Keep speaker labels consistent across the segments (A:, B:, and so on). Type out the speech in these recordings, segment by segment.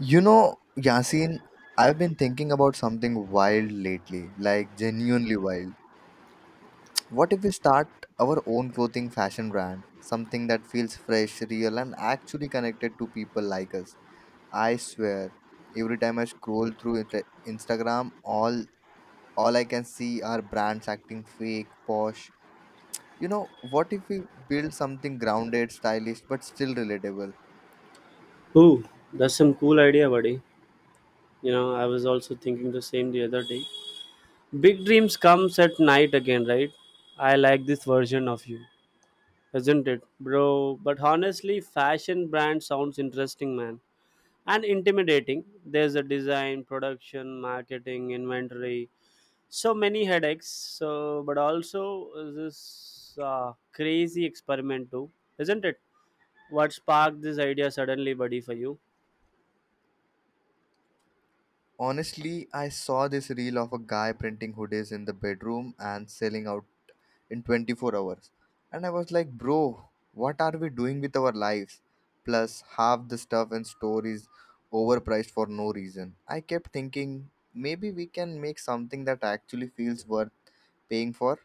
A: You know, Yasin, I've been thinking about something wild lately, like genuinely wild. What if we start our own clothing fashion brand? Something that feels fresh, real, and actually connected to people like us. I swear, every time I scroll through Instagram, all I can see are brands acting fake, posh. You know, what if we build something grounded, stylish, but still relatable?
B: Ooh, that's some cool idea, buddy. You know, I was also thinking the same the other day. Big dreams comes at night again, right? I like this version of you, isn't it, bro? But honestly, fashion brand sounds interesting, man, and intimidating. There's a design, production, marketing, inventory, so many headaches. So, but also this crazy experiment too, isn't it? What sparked this idea suddenly, buddy, for you?
A: Honestly, I saw this reel of a guy printing hoodies in the bedroom and selling out in 24 hours. And I was like, bro, what are we doing with our lives? Plus, half the stuff in store is overpriced for no reason. I kept thinking, maybe we can make something that actually feels worth paying for.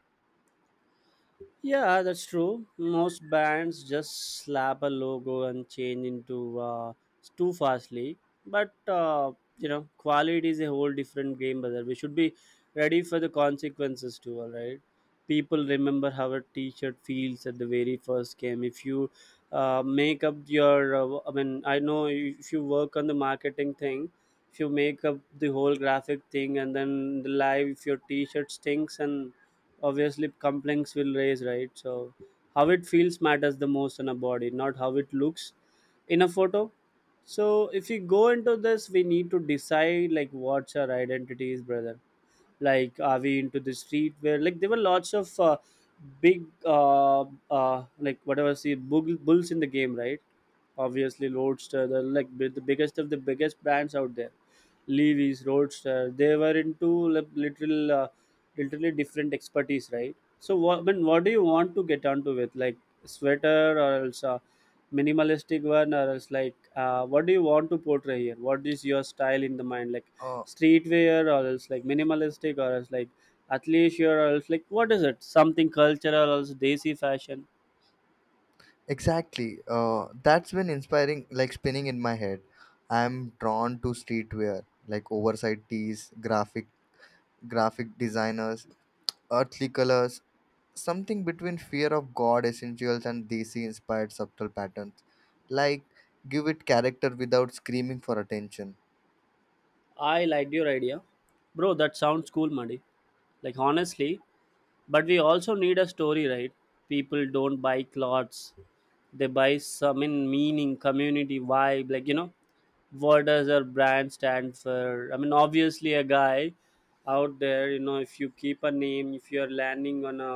B: Yeah, that's true. Most bands just slap a logo and change into too fastly. But you know, quality is a whole different game, brother. We should be ready for the consequences too. All right, people remember how a T-shirt feels at the very first game. If you make up your, I mean, I know if you work on the marketing thing, if you make up the whole graphic thing, and then the live, if your T-shirt stinks and obviously complaints will raise, right? So how it feels matters the most in a body, not how it looks in a photo. So if we go into this, we need to decide like what's our identity is, brother. Like, are we into the street where like there were lots of big like whatever see bulls in the game, right? Obviously roadster, the like the biggest of the biggest brands out there, Levi's, Roadster, they were into like literal literally different expertise, right? So what do you want to get onto with like sweater or else minimalistic one or else like what do you want to portray here, what is your style in the mind? Like
A: Uh,
B: streetwear or else like minimalistic or else like athleisure or else like what is it, something cultural or else desi fashion?
A: exactly. That's been inspiring, like spinning in my head. I'm drawn to streetwear, like oversight tees, graphic designers, earthly colors, something between fear of God essentials and desi inspired subtle patterns. Like, give it character without screaming for attention.
B: I liked your idea, bro, that sounds cool, Muddy. Like honestly, but we also need a story, right? People don't buy clothes, they buy some in meaning, community vibe, like you know, what does our brand stand for? I mean, obviously a guy out there, you know, if you keep a name, if you're landing on a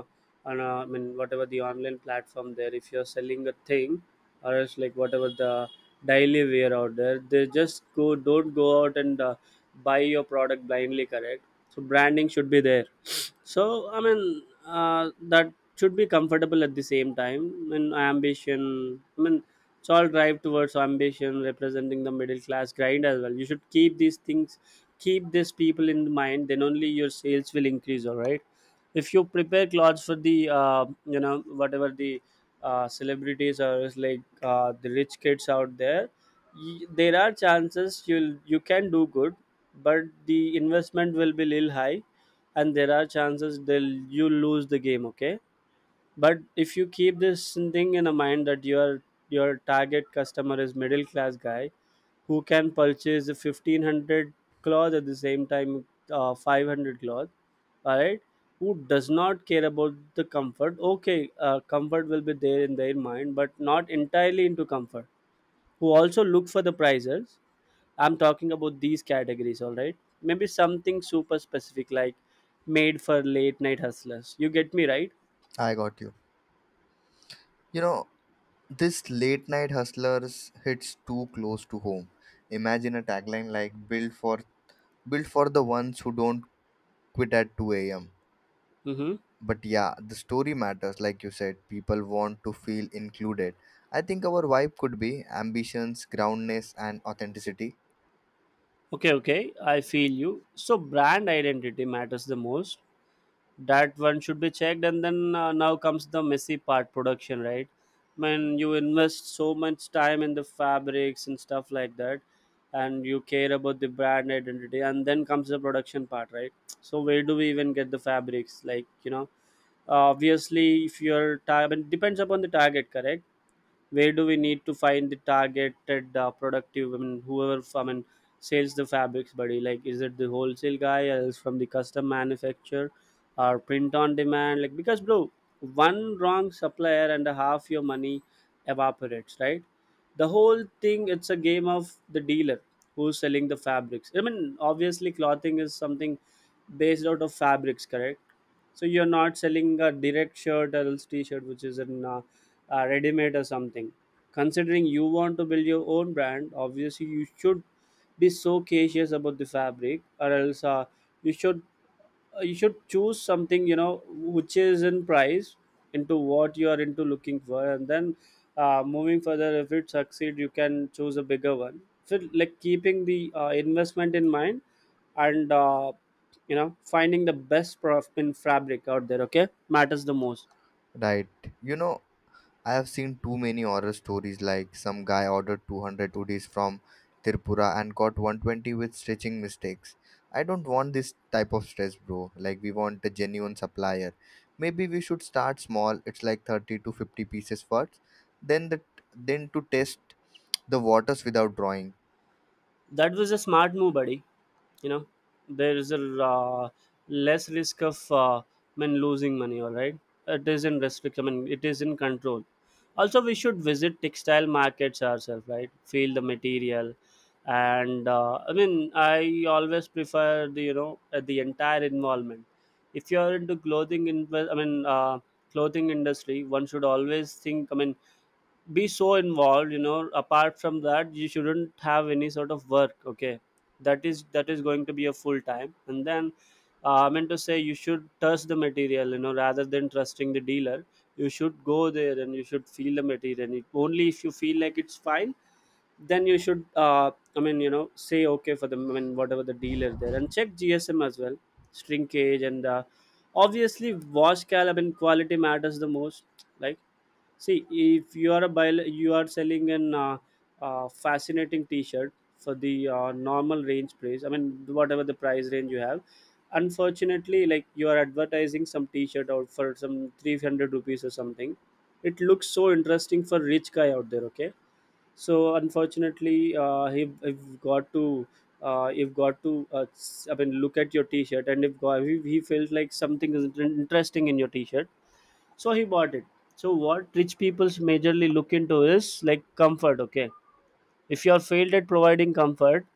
B: I mean, whatever the online platform there, if you're selling a thing or else like whatever the daily wear out there, they just go don't go out and buy your product blindly, correct? So branding should be there. So I mean, that should be comfortable at the same time. I mean, ambition. I mean, it's all drive towards ambition, representing the middle class grind as well. You should keep these things, keep these people in mind. Then only your sales will increase. All right. If you prepare clothes for the you know, whatever the celebrities or is like the rich kids out there, there are chances you can do good, but the investment will be little high, and there are chances they'll you lose the game, okay? But if you keep this thing in a mind that your target customer is middle class guy who can purchase a 1500 cloth at the same time 500 cloth, all right, who does not care about the comfort, okay, comfort will be there in their mind but not entirely into comfort, who also look for the prices. I'm talking about these categories, all right? Maybe something super specific like made for late night hustlers. You get me, right?
A: I got you. You know, this late night hustlers hits too close to home. Imagine a tagline like build for the ones who don't quit at 2 a.m.
B: Mm-hmm.
A: But yeah, the story matters, like you said. People want to feel included. I think our vibe could be ambitions, groundness, and authenticity.
B: Okay, okay. I feel you. So, brand identity matters the most. That one should be checked. And then now comes the messy part, production, right? When you invest so much time in the fabrics and stuff like that, and you care about the brand identity, and then comes the production part, right? So, where do we even get the fabrics? Like, you know, obviously if your target depends upon the target, correct, where do we need to find the targeted productive, I mean whoever, I mean, sells the fabrics, buddy? Like, is it the wholesale guy or else from the custom manufacturer or print on demand? Like, because bro, one wrong supplier and a half your money evaporates, right? The whole thing, it's a game of the dealer who's selling the fabrics. I mean, obviously clothing is something based out of fabrics, correct? So you're not selling a direct shirt or else t-shirt, which is in ready-made or something. Considering you want to build your own brand, obviously you should be so cautious about the fabric, or else you should you should choose something, you know, which is in price into what you are into looking for, and then moving further, if it succeed, you can choose a bigger one. So like keeping the investment in mind and you know, finding the best prof in fabric out there, okay, matters the most.
A: Right. You know, I have seen too many horror stories like some guy ordered 200 hoodies from Tirpura and got 120 with stitching mistakes. I don't want this type of stress, bro. Like, we want a genuine supplier. Maybe we should start small. It's like 30 to 50 pieces first. Then the then to test the waters without drawing.
B: That was a smart move, buddy. You know, there is a uh, less risk of men losing money, all right? It is in restrict, I mean it is in control. Also we should visit textile markets ourselves, right, feel the material. And I mean I always prefer the, you know, the entire involvement. If you are into clothing in I mean clothing industry, one should always think, I mean, be so involved, you know. Apart from that, you shouldn't have any sort of work, okay? That is going to be a full time, and then I meant to say, you should trust the material, you know, rather than trusting the dealer. You should go there and you should feel the material, and it, only if you feel like it's fine, then you should I mean, you know, say okay for the, I mean, whatever the dealer there, and check GSM as well, shrinkage, and obviously wash cal. I mean, quality matters the most. Like, see, if you are a bio, you are selling an fascinating T-shirt for the normal range price. I mean, whatever the price range you have. Unfortunately, like, you are advertising some T-shirt out for some 300 rupees or something. It looks so interesting for rich guy out there. Okay, so unfortunately, he have got to. You've got to I mean, look at your t-shirt, and if, if he felt like something is interesting in your t-shirt, so he bought it. So what rich people's majorly look into is like comfort, okay? If you are failed at providing comfort,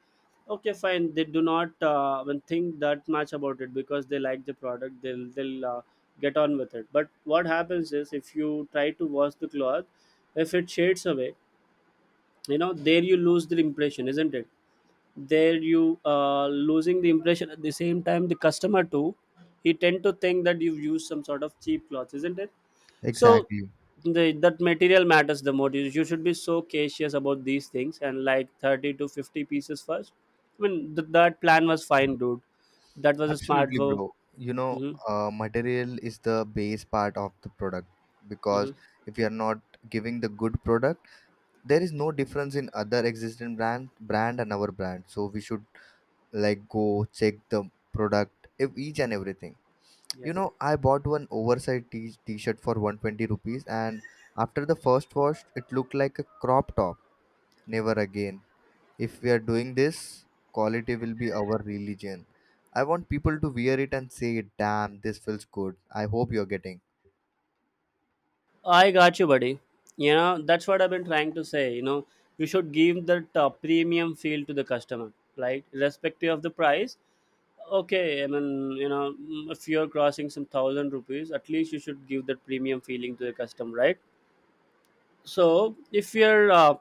B: okay fine, they do not even think that much about it, because they like the product, they'll get on with it. But what happens is, if you try to wash the cloth, if it shades away, you know, there you lose the impression, isn't it? There you losing the impression, at the same time the customer too, he tend to think that you've used some sort of cheap cloth, isn't it? So
A: Exactly.
B: that material matters the most. You should be so cautious about these things. And like 30 to 50 pieces first, I mean, that plan was fine, dude. That was a smart
A: Absolutely,
B: move.
A: bro. You know,
B: Hmm.
A: material is the base part of the product, because
B: Hmm.
A: if you are not giving the good product, there is no difference in other existing brand and our brand. So we should, like, go check the product each and everything. You
B: Yes.
A: know, I bought one oversized t-shirt for 120 rupees, and after the first wash it looked like a crop top. Never again. If we are doing this, quality will be our religion. I want people to wear it and say, damn, this feels good. I hope you're getting.
B: I got you, buddy. You know, that's what I've been trying to say. You know, you should give that premium feel to the customer, right, irrespective of the price. Okay, I mean, you know, if you're crossing some thousand rupees, at least you should give that premium feeling to the customer, right? So if you're,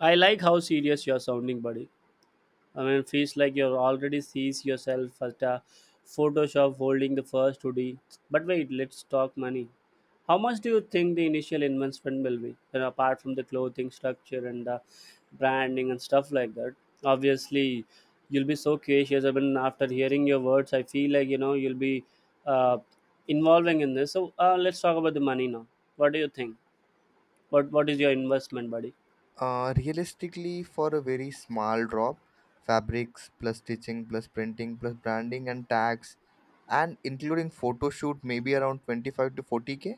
B: I like how serious you're sounding, buddy. I mean, feels like you're already sees yourself at a Photoshop holding the first hoodie. But wait, let's talk money. How much do you think the initial investment will be? You know, apart from the clothing structure and the branding and stuff like that. Obviously, you'll be so cautious. I mean, after hearing your words, I feel like, you know, you'll be uh, involving in this. So let's talk about the money now. What do you think? But what is your investment, buddy?
A: Realistically, for a very small drop, fabrics plus stitching plus printing plus branding and tags, and including photo shoot, maybe around 25 to 40K.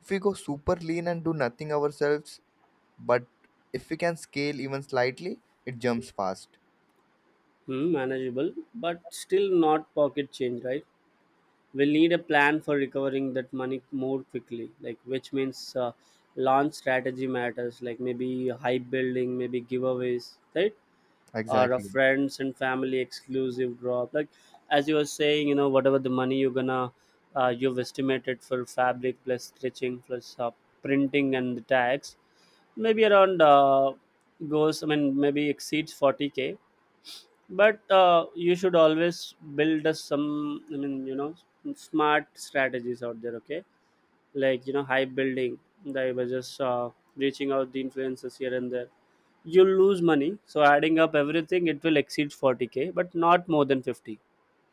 A: If we go super lean and do nothing ourselves, but if we can scale even slightly, it jumps fast.
B: Hmm, manageable, but still not pocket change, right? We'll need a plan for recovering that money more quickly, like which means launch strategy matters, like maybe hype building, maybe giveaways, right? Or a
A: Exactly.
B: friends and family exclusive drop. Like as you were saying, you know, whatever the money you're gonna, you've estimated for fabric plus stitching plus printing and the tags, maybe around goes, I mean, maybe exceeds 40k. But you should always build a some, I mean, you know, smart strategies out there, okay? Like, you know, hype building, they were just reaching out the influencers here and there, you'll lose money. So adding up everything, it will exceed 40k but not more than 50.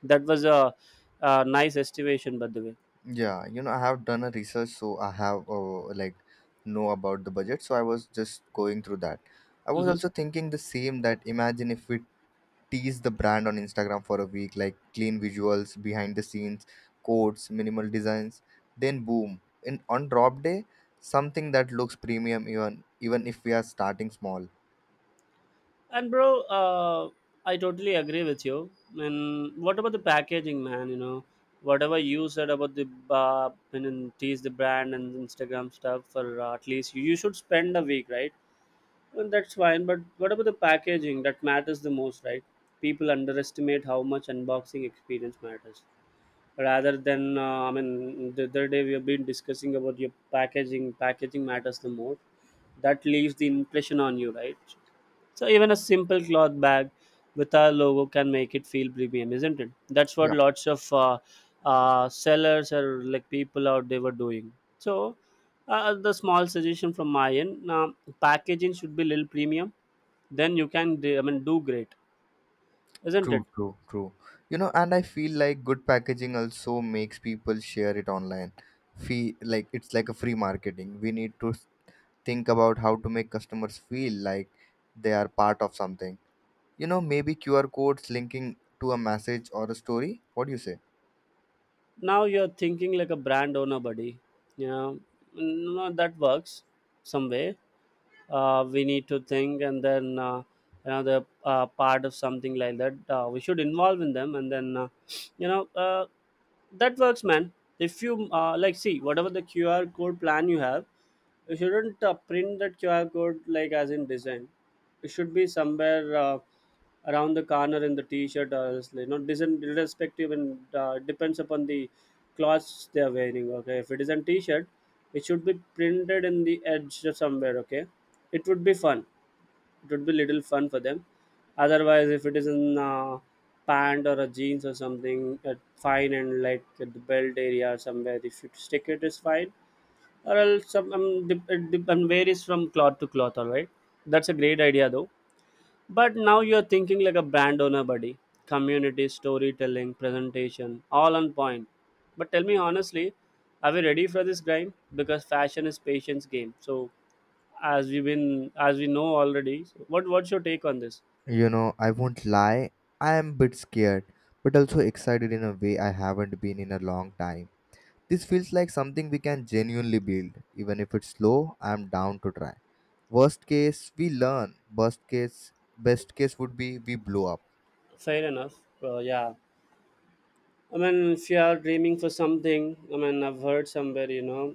B: That was a nice estimation, by the way.
A: Yeah, you know, I have done a research, so I have like know about the budget. So I was just going through that. I was
B: Mhm.
A: also thinking the same, that imagine if we tease the brand on Instagram for a week, like clean visuals, behind the scenes, codes, minimal designs. Then boom, in on drop day, something that looks premium even if we are starting small.
B: And bro, I totally agree with you. And what about the packaging, man? Whatever you said about the and then tease the brand and Instagram stuff for at least you should spend a week, right? Well, that's fine. But what about the packaging? That matters the most, right? People underestimate how much unboxing experience matters. Rather than, the other day we have been discussing about your packaging. Packaging matters the most. That leaves the impression on you, right? So even a simple cloth bag with our logo can make it feel premium, isn't it? That's what
A: Yeah,
B: lots of sellers or like people out there were doing. So the small suggestion from my end: packaging should be little premium. Then you can do great, isn't it?
A: true, true, true. You know, and I feel like good packaging also makes people share it online. Fee like it's like a free marketing. We need to think about how to make customers feel like they are part of something. You know, maybe QR codes linking to a message or a story. What do you say?
B: Now you're thinking like a brand owner, buddy. Yeah, no, that works some way. We need to think, and then another part of something like that we should involve in them, and then you know uh, that works, man. If you like see whatever the QR code plan you have, you shouldn't print that QR code like as in design. It should be somewhere around the corner in the T-shirt or else, you know, design irrespective, and depends upon the clothes they are wearing. Okay, if it is a T-shirt, it should be printed in the edge of somewhere. Okay, it would be fun. It would be little fun for them. Otherwise, if it is in pant or a jeans or something, fine, and like at the belt area or somewhere, if you stick it is fine or else some dip, and varies from cloth to cloth. All right, that's a great idea though. But now you're thinking like a brand owner, buddy. Community, storytelling, presentation, all on point. But tell me honestly, are we ready for this grind? Because fashion is patience game. So as we know already, so what's your take on this?
A: You know, I won't lie, I am a bit scared, but also excited in a way I haven't been in a long time. This feels like something we can genuinely build. Even if it's slow, I'm down to try. Worst case, we learn. Best case would be we blow up.
B: Fair enough. Yeah, I mean, if you are dreaming for something, I mean, I've heard somewhere, you know,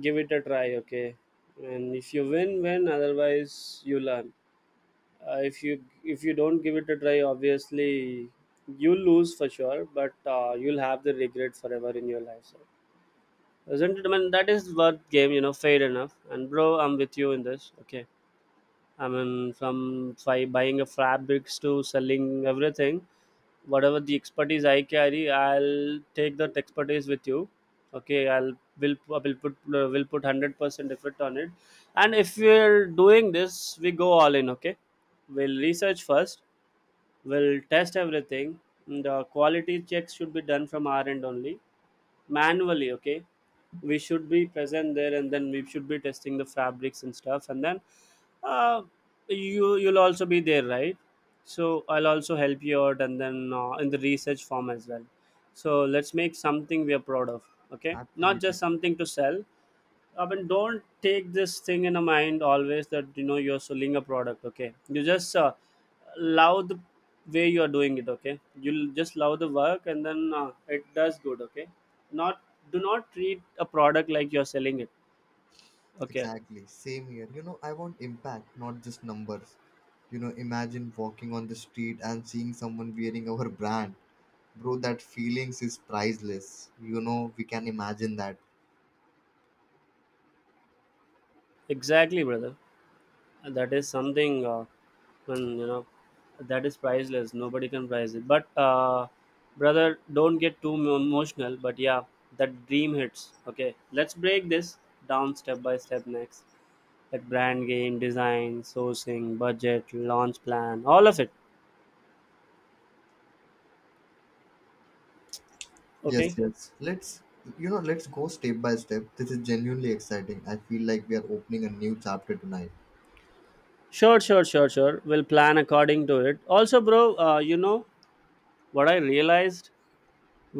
B: give it a try, okay? And if you win, win. Otherwise, you learn. If you don't give it a try, obviously, you lose for sure. But you'll have the regret forever in your life. So, isn't it? I mean, that is worth game, you know. Fair enough. And bro, I'm with you in this. Okay. I mean, buying a fabrics to selling everything, whatever the expertise I carry, I'll take that expertise with you. Okay, I'll will put 100% effort on it. And if we're doing this, we go all in. Okay, we'll research first. We'll test everything. The quality checks should be done from our end only, manually. Okay, we should be present there, and then we should be testing the fabrics and stuff, and then uh, you'll also be there, right? So I'll also help you out, and then in the research form as well. So let's make something we are proud of, okay? Not just
A: Absolutely,
B: something to sell. I mean, don't take this thing in a mind always that, you know, you're selling a product. Okay, you just love the way you are doing it. Okay, you'll just love the work, and then it does good. Okay, not, do not treat a product like you're selling it. Okay.
A: exactly. Same here. You know, I want impact, not just numbers. You know, imagine walking on the street and seeing someone wearing our brand. Bro, that feelings is priceless. You know, we can imagine that.
B: Exactly, brother. And that is something when you know that is priceless. Nobody can price it. But brother, don't get too emotional, but yeah, that dream hits. Okay, let's break this down step by step next, like brand game, design, sourcing, budget, launch plan, all of it.
A: Yes,
B: Okay.
A: yes. Let's go step by step. This is genuinely exciting. I feel like we are opening a new chapter tonight.
B: Sure, sure, sure, sure, we'll plan according to it also, bro. You know what I realized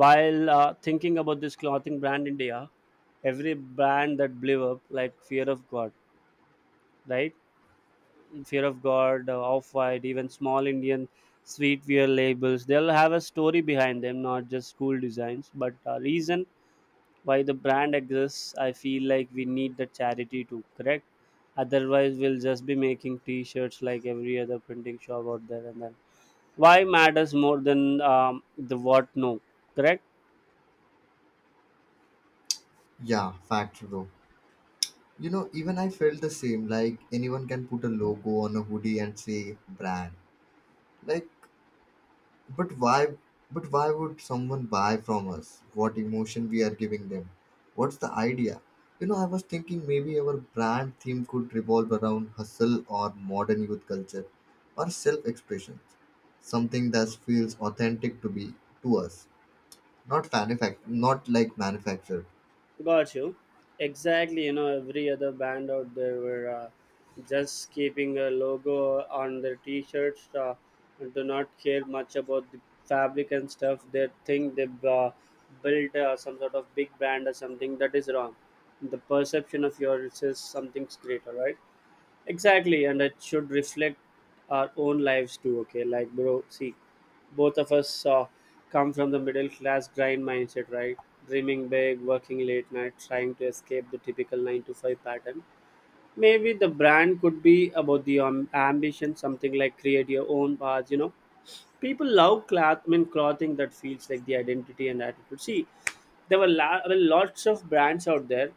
B: while thinking about this clothing brand India: every brand that blew up, like Fear of God, right? Fear of God, Off White, even small Indian sweetwear labels, they'll have a story behind them, not just cool designs, but a reason why the brand exists. I feel like we need the charity to correct. Otherwise, we'll just be making T-shirts like every other printing shop out there, and then why matters more than the what. No, correct?
A: Yeah, fact bro. You know, even I felt the same. Like anyone can put a logo on a hoodie and say brand. Like, But why but why would someone buy from us? What emotion we are giving them? What's the idea? You know, I was thinking maybe our brand theme could revolve around hustle or modern youth culture or self-expression. Something that feels authentic to be to us. Not like manufactured.
B: Got you. Exactly. You know, every other band out there were just keeping a logo on their t-shirts. And do not care much about the fabric and stuff. They think they build some sort of big brand or something. That is wrong. The perception of yours is something's great. All right. Exactly, and it should reflect our own lives too. Okay, like bro, see, both of us come from the middle class grind mindset, right? Dreaming big, working late night, trying to escape the typical nine to five pattern. Maybe the brand could be about the ambition, something like create your own path. You know, people love clothing that feels like the identity and attitude. See, there were lots of brands out there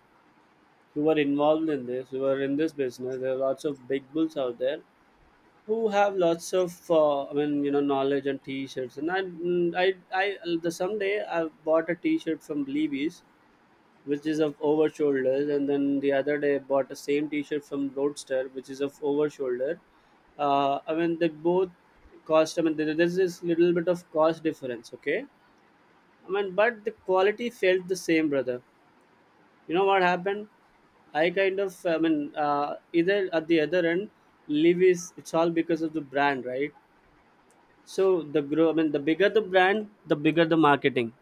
B: who were involved in this, who were in this business. There are lots of big bulls out there who have lots of I mean, you know, knowledge and t-shirts, and I mm, I the someday I bought a t-shirt from Levi's which is of over shoulders, and then the other day I bought the same t-shirt from Roadster which is of over shoulder. I mean, they both cost, I mean, there's this little bit of cost difference. Okay, I mean, but the quality felt the same, brother. You know what happened? I kind of, I mean, Either at the other end, Levi's, it's all because of the brand, right? So the grow, I mean, the bigger the brand, the bigger the marketing.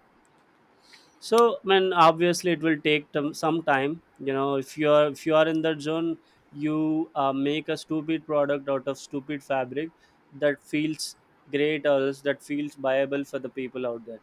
B: So man, obviously it will take some time. You know, if you are in that zone, you make a stupid product out of stupid fabric that feels great or else that feels viable for the people out there,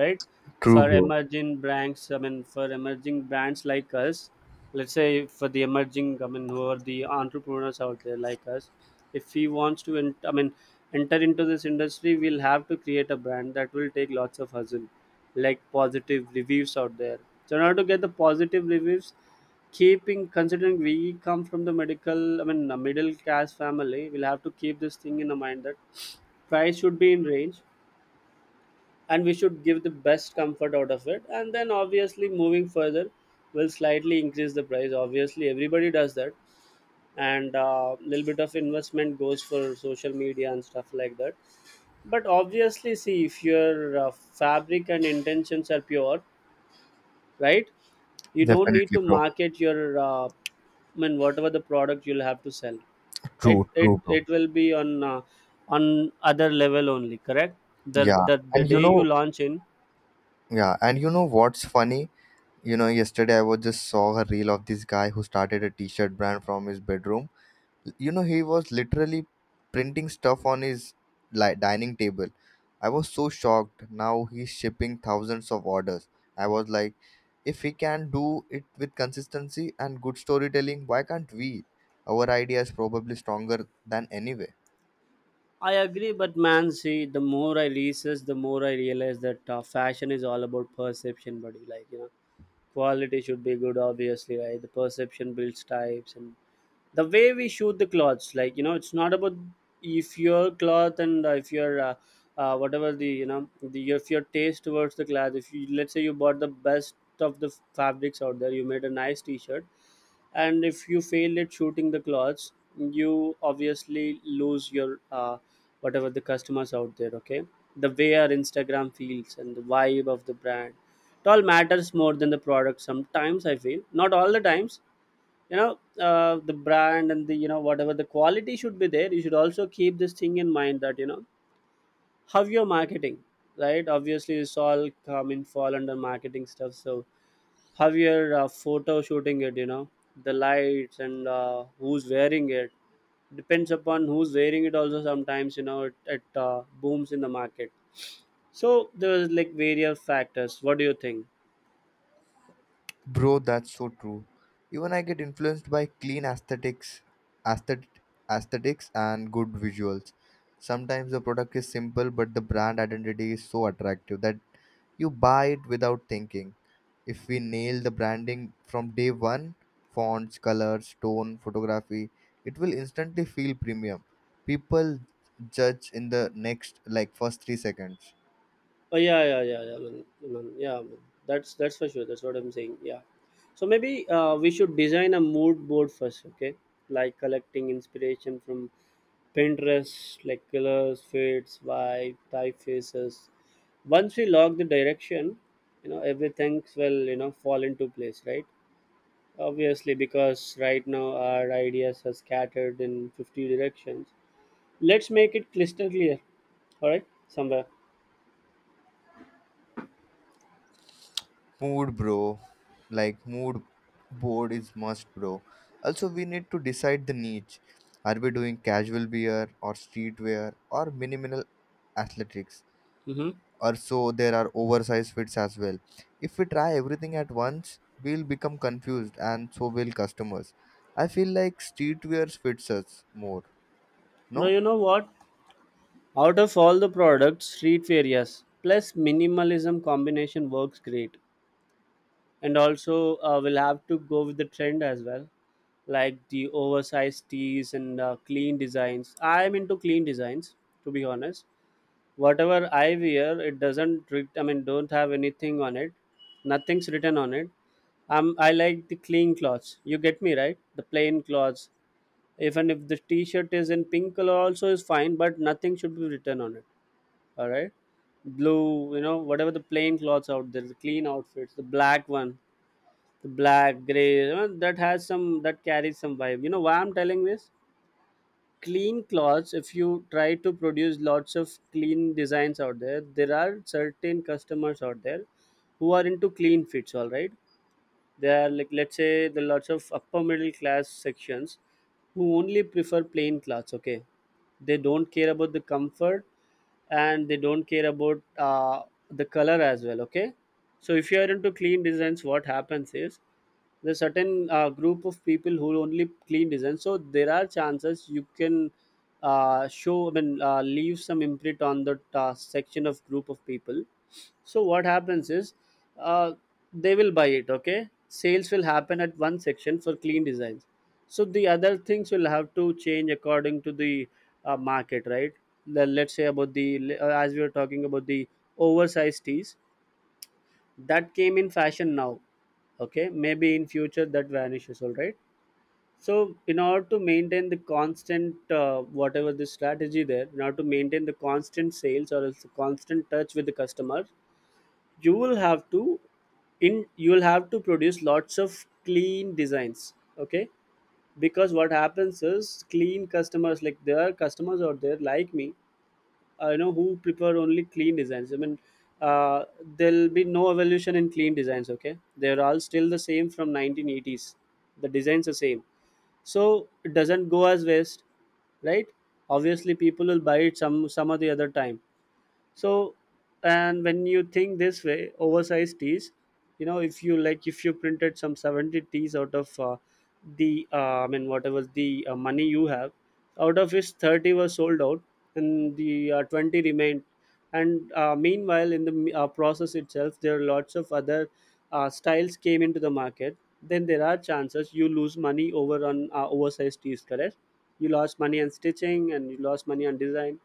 B: right?
A: True,
B: for
A: bro.
B: emerging brands i mean for emerging brands like us, let's say for the emerging, I mean, who are the entrepreneurs out there like us, if he wants to enter into this industry, we'll have to create a brand that will take lots of hustle, like positive reviews out there. So in order to get the positive reviews, keeping considering we come from the a middle class family, we'll have to keep this thing in mind that price should be in range, and we should give the best comfort out of it. And then obviously moving further, we'll slightly increase the price. Obviously, everybody does that. And a little bit of investment goes for social media and stuff like that. But obviously, see if your fabric and intentions are pure, right? You don't need
A: Definitely,
B: to
A: bro.
B: market your I mean, whatever the product, you'll have to sell it
A: True,
B: it
A: true, bro.
B: it will be on other level only, correct? the,
A: Yeah.
B: the the
A: And you
B: day you
A: know,
B: launch in.
A: yeah. And you know what's funny? You know, yesterday I was just saw a reel of this guy who started a t-shirt brand from his bedroom. You know, he was literally printing stuff on his, like, dining table. I was so shocked. Now he's shipping thousands of orders. I was like, if he can do it with consistency and good storytelling, why can't we? Our idea is probably stronger than anyway.
B: I agree, but man, see, the more I research, the more I realize that fashion is all about perception, buddy. Like, you know, quality should be good, obviously, right? The perception builds types, and the way we shoot the clothes, like, you know, it's not about if your cloth and if your whatever the, you know, the if your taste towards the cloth, if you, let's say, you bought the best of the fabrics out there, you made a nice t-shirt, and if you fail at shooting the clothes, you obviously lose your whatever the customers out there. Okay, the way our Instagram feels and the vibe of the brand, it all matters more than the product sometimes, I feel, not all the times. You know the brand and the, you know, whatever the quality should be there, you should also keep this thing in mind that, you know, how you're marketing, right? Obviously, it's all come in, fall under marketing stuff. So how you're photo shooting it, you know, the lights and who's wearing it, depends upon who's wearing it also sometimes, you know, it booms in the market. So there's like various factors. What do you think?
A: Bro, that's so true. Even I get influenced by clean aesthetics, aesthet- aesthetics and good visuals. Sometimes the product is simple, but the brand identity is so attractive that you buy it without thinking. If we nail the branding from day one, fonts, colors, tone, photography, it will instantly feel premium. People judge in the next, like, first 3 seconds.
B: Oh yeah, yeah, yeah, yeah, man, man, yeah. Man. That's for sure. That's what I'm saying. Yeah. So maybe we should design a mood board first, okay? Like collecting inspiration from Pinterest, like colors, fits, vibe, typefaces. Once we lock the direction, you know, everything will fall into place, right? Obviously, because right now our ideas are scattered in 50 directions. Let's make it crystal clear. All right, somewhere.
A: Mood, bro. Like, mood board is must, bro. Also, we need to decide the niche. Are we doing casual wear or streetwear or minimal athletics?
B: Mm-hmm.
A: Or so there are oversized fits as well. If we try everything at once, we'll become confused and so will customers. I feel like streetwear fits us more.
B: Bro,
A: No?
B: you know what? Out of all the products, street fair, yes. Plus, minimalism combination works great. And also, we'll have to go with the trend as well, like the oversized tees and clean designs. I'm into clean designs, to be honest. Whatever I wear, it doesn't. Don't have anything on it. Nothing's written on it. I like the clean clothes. You get me right? The plain clothes. Even if the T-shirt is in pink color, also is fine, but nothing should be written on it, all right? Blue, you know, whatever, the plain clothes out there, the clean outfits, the black one, the black gray, you know, that has some, that carries some vibe. You know why I'm telling this? Clean clothes. If you try to produce lots of clean designs out there, there are certain customers out there who are into clean fits, all right? There are, like, let's say, the lots of upper middle class sections who only prefer plain clothes, okay? They don't care about the comfort, and they don't care about the color as well, okay? So if you are into clean designs, what happens is there's certain group of people who only clean designs, so there are chances you can show, leave some imprint on that section of group of people. So what happens is, uh, they will buy it. Okay, sales will happen at one section for clean designs. So the other things will have to change according to the market, right? Let's say about the as we were talking about the oversized tees that came in fashion now. Okay, maybe in future that vanishes. All right. So in order to maintain the constant whatever the strategy there, in order to maintain the constant sales or else the constant touch with the customer, you will have to in you will have to produce lots of clean designs, okay? Because what happens is clean customers, like, there are customers out there like me, I know, who prefer only clean designs. I mean, uh, there'll be no evolution in clean designs, okay? They're all still the same from 1980s. The designs are same, so it doesn't go as waste, right? Obviously people will buy it some, of the other time. So, and when you think this way, oversized tees, you know, if you like, if you printed some 70 tees out of the I mean whatever the money you have, out of which 30 were sold out and the 20 remained, and meanwhile in the process itself there are lots of other styles came into the market, then there are chances you lose money over on oversized tees, correct? You lost money on stitching and you lost money on design.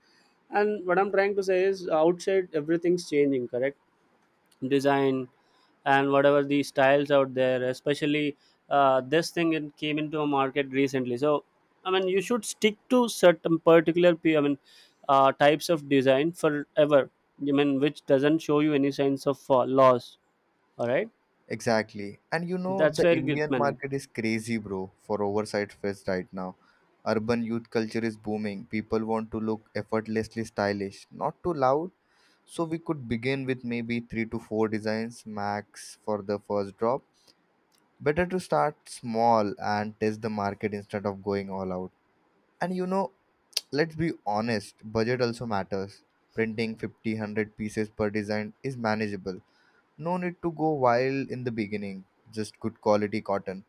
B: And what I'm trying to say is outside everything's changing, correct? Design and whatever the styles out there, especially this thing, it came into a market recently. So I mean, you should stick to certain particular types of design forever. I mean, which doesn't show you any signs of loss. All right,
A: Exactly. And you know,
B: that's
A: the
B: very good
A: Indian
B: money.
A: market is crazy, bro, for oversight fest right now. Urban youth culture is booming. People want to look effortlessly stylish, not too loud. So we could begin with maybe three to four designs max for the first drop. Better to start small and test the market instead of going all out. And you know, let's be honest, budget also matters. Printing 50 100 pieces per design is manageable, no need to go wild in the beginning, just good quality cotton,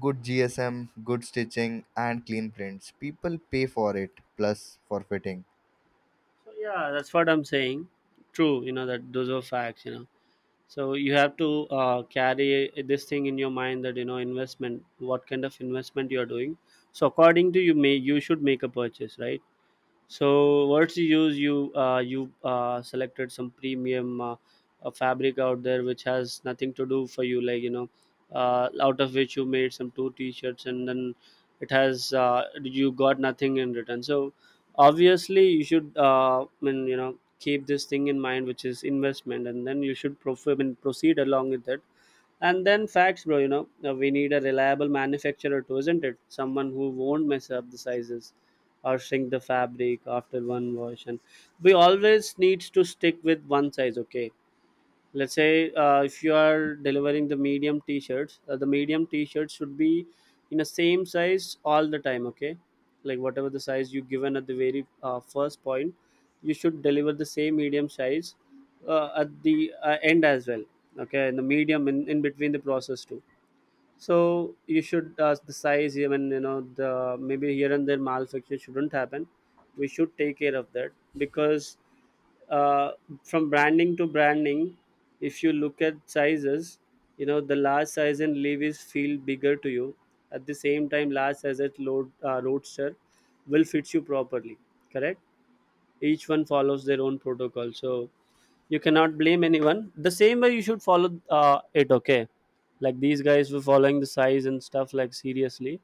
A: good GSM, good stitching, and clean prints. People pay for it, plus for fitting.
B: So yeah, that's what I'm saying. True, you know that those are facts. You know. So you have to carry this thing in your mind that, you know, investment, what kind of investment you are doing. So according to you, may you should make a purchase, right? So what's the use? You selected some premium fabric out there which has nothing to do for you, like, you know, out of which you made some two t-shirts and then it has you got nothing in return. So obviously you should I mean, you know, keep this thing in mind, which is investment, and then you should proceed along with it. And then facts, bro, you know, we need a reliable manufacturer too, isn't it? Someone who won't mess up the sizes or shrink the fabric after one wash. And we always need to stick with one size, okay? Let's say, if you are delivering the medium t-shirts, the medium t-shirts should be in the same size all the time, okay? Like whatever the size you given at the very first point, you should deliver the same medium size at the end as well, okay? In the medium, in between the process too. So you should the size, even, you know, the maybe here and there malfunction shouldn't happen. We should take care of that because uh, from branding to branding, if you look at sizes, you know, the large size and leaves feel bigger to you. At the same time, large size at load roadster will fit you properly. Correct. Each one follows their own protocol. So you cannot blame anyone. The same way you should follow it, okay? Like these guys were following the size and stuff, like, seriously,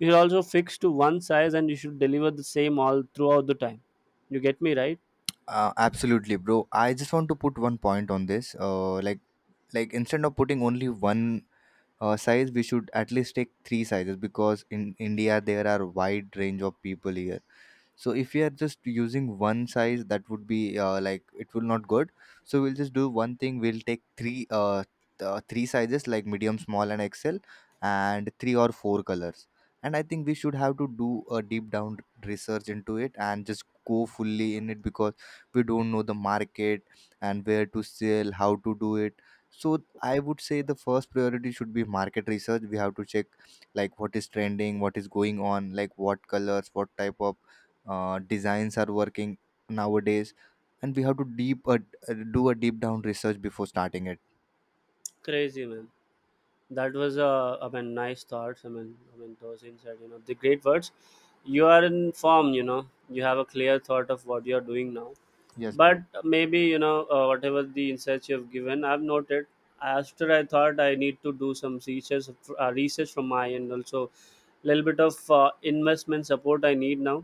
B: you should also fix to one size and you should deliver the same all throughout the time. You get me right?
A: Absolutely, bro. I just want to put one point on this. Like, instead of putting only one size, we should at least take three sizes, because in India there are wide range of people here. So if we are just using one size, that would be like, it will not good. So we'll just do one thing, we'll take three three sizes like medium, small, and xl, and three or four colors. And I think we should have to do a deep down research into it and just go fully in it, because we don't know the market and where to sell, how to do it. So I would say the first priority should be market research. We have to check, like, what is trending, what is going on, like what colors, what type of designs are working nowadays. And we have to deep do a deep down research before starting it.
B: Crazy, man. That was nice thoughts. I mean, those inside, you know, the great words. You are in form, you know. You have a clear thought of what you are doing now.
A: Yes,
B: But
A: bro.
B: maybe, you know, whatever the insights you have given, I've noted. After I thought, I need to do some research from my end also. Little bit of investment support I need now.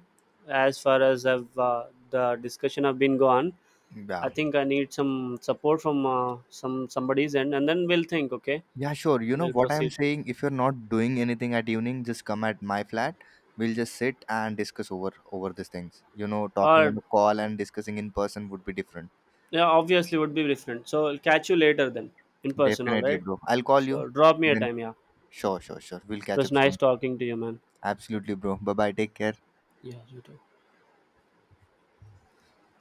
B: As far as I've the discussion have been gone,
A: Yeah.
B: I think I need some support from somebody's end, and then we'll think, okay,
A: Yeah, sure. You know
B: we'll
A: what I'm
B: proceed.
A: saying? If you're not doing anything at evening, just come at my flat. We'll just sit and discuss over these things. You know, talking on
B: Or,
A: the call and discussing in person would be different.
B: yeah, obviously would be different. So I'll catch you later then, in person. All
A: Definitely,
B: right,
A: bro. I'll call you
B: so drop me a
A: then.
B: time. Yeah, it
A: Sure, sure, sure. We'll catch
B: was
A: up
B: nice
A: soon.
B: talking to you, man.
A: Absolutely, bro. Bye bye, take care.
B: Yeah, you too.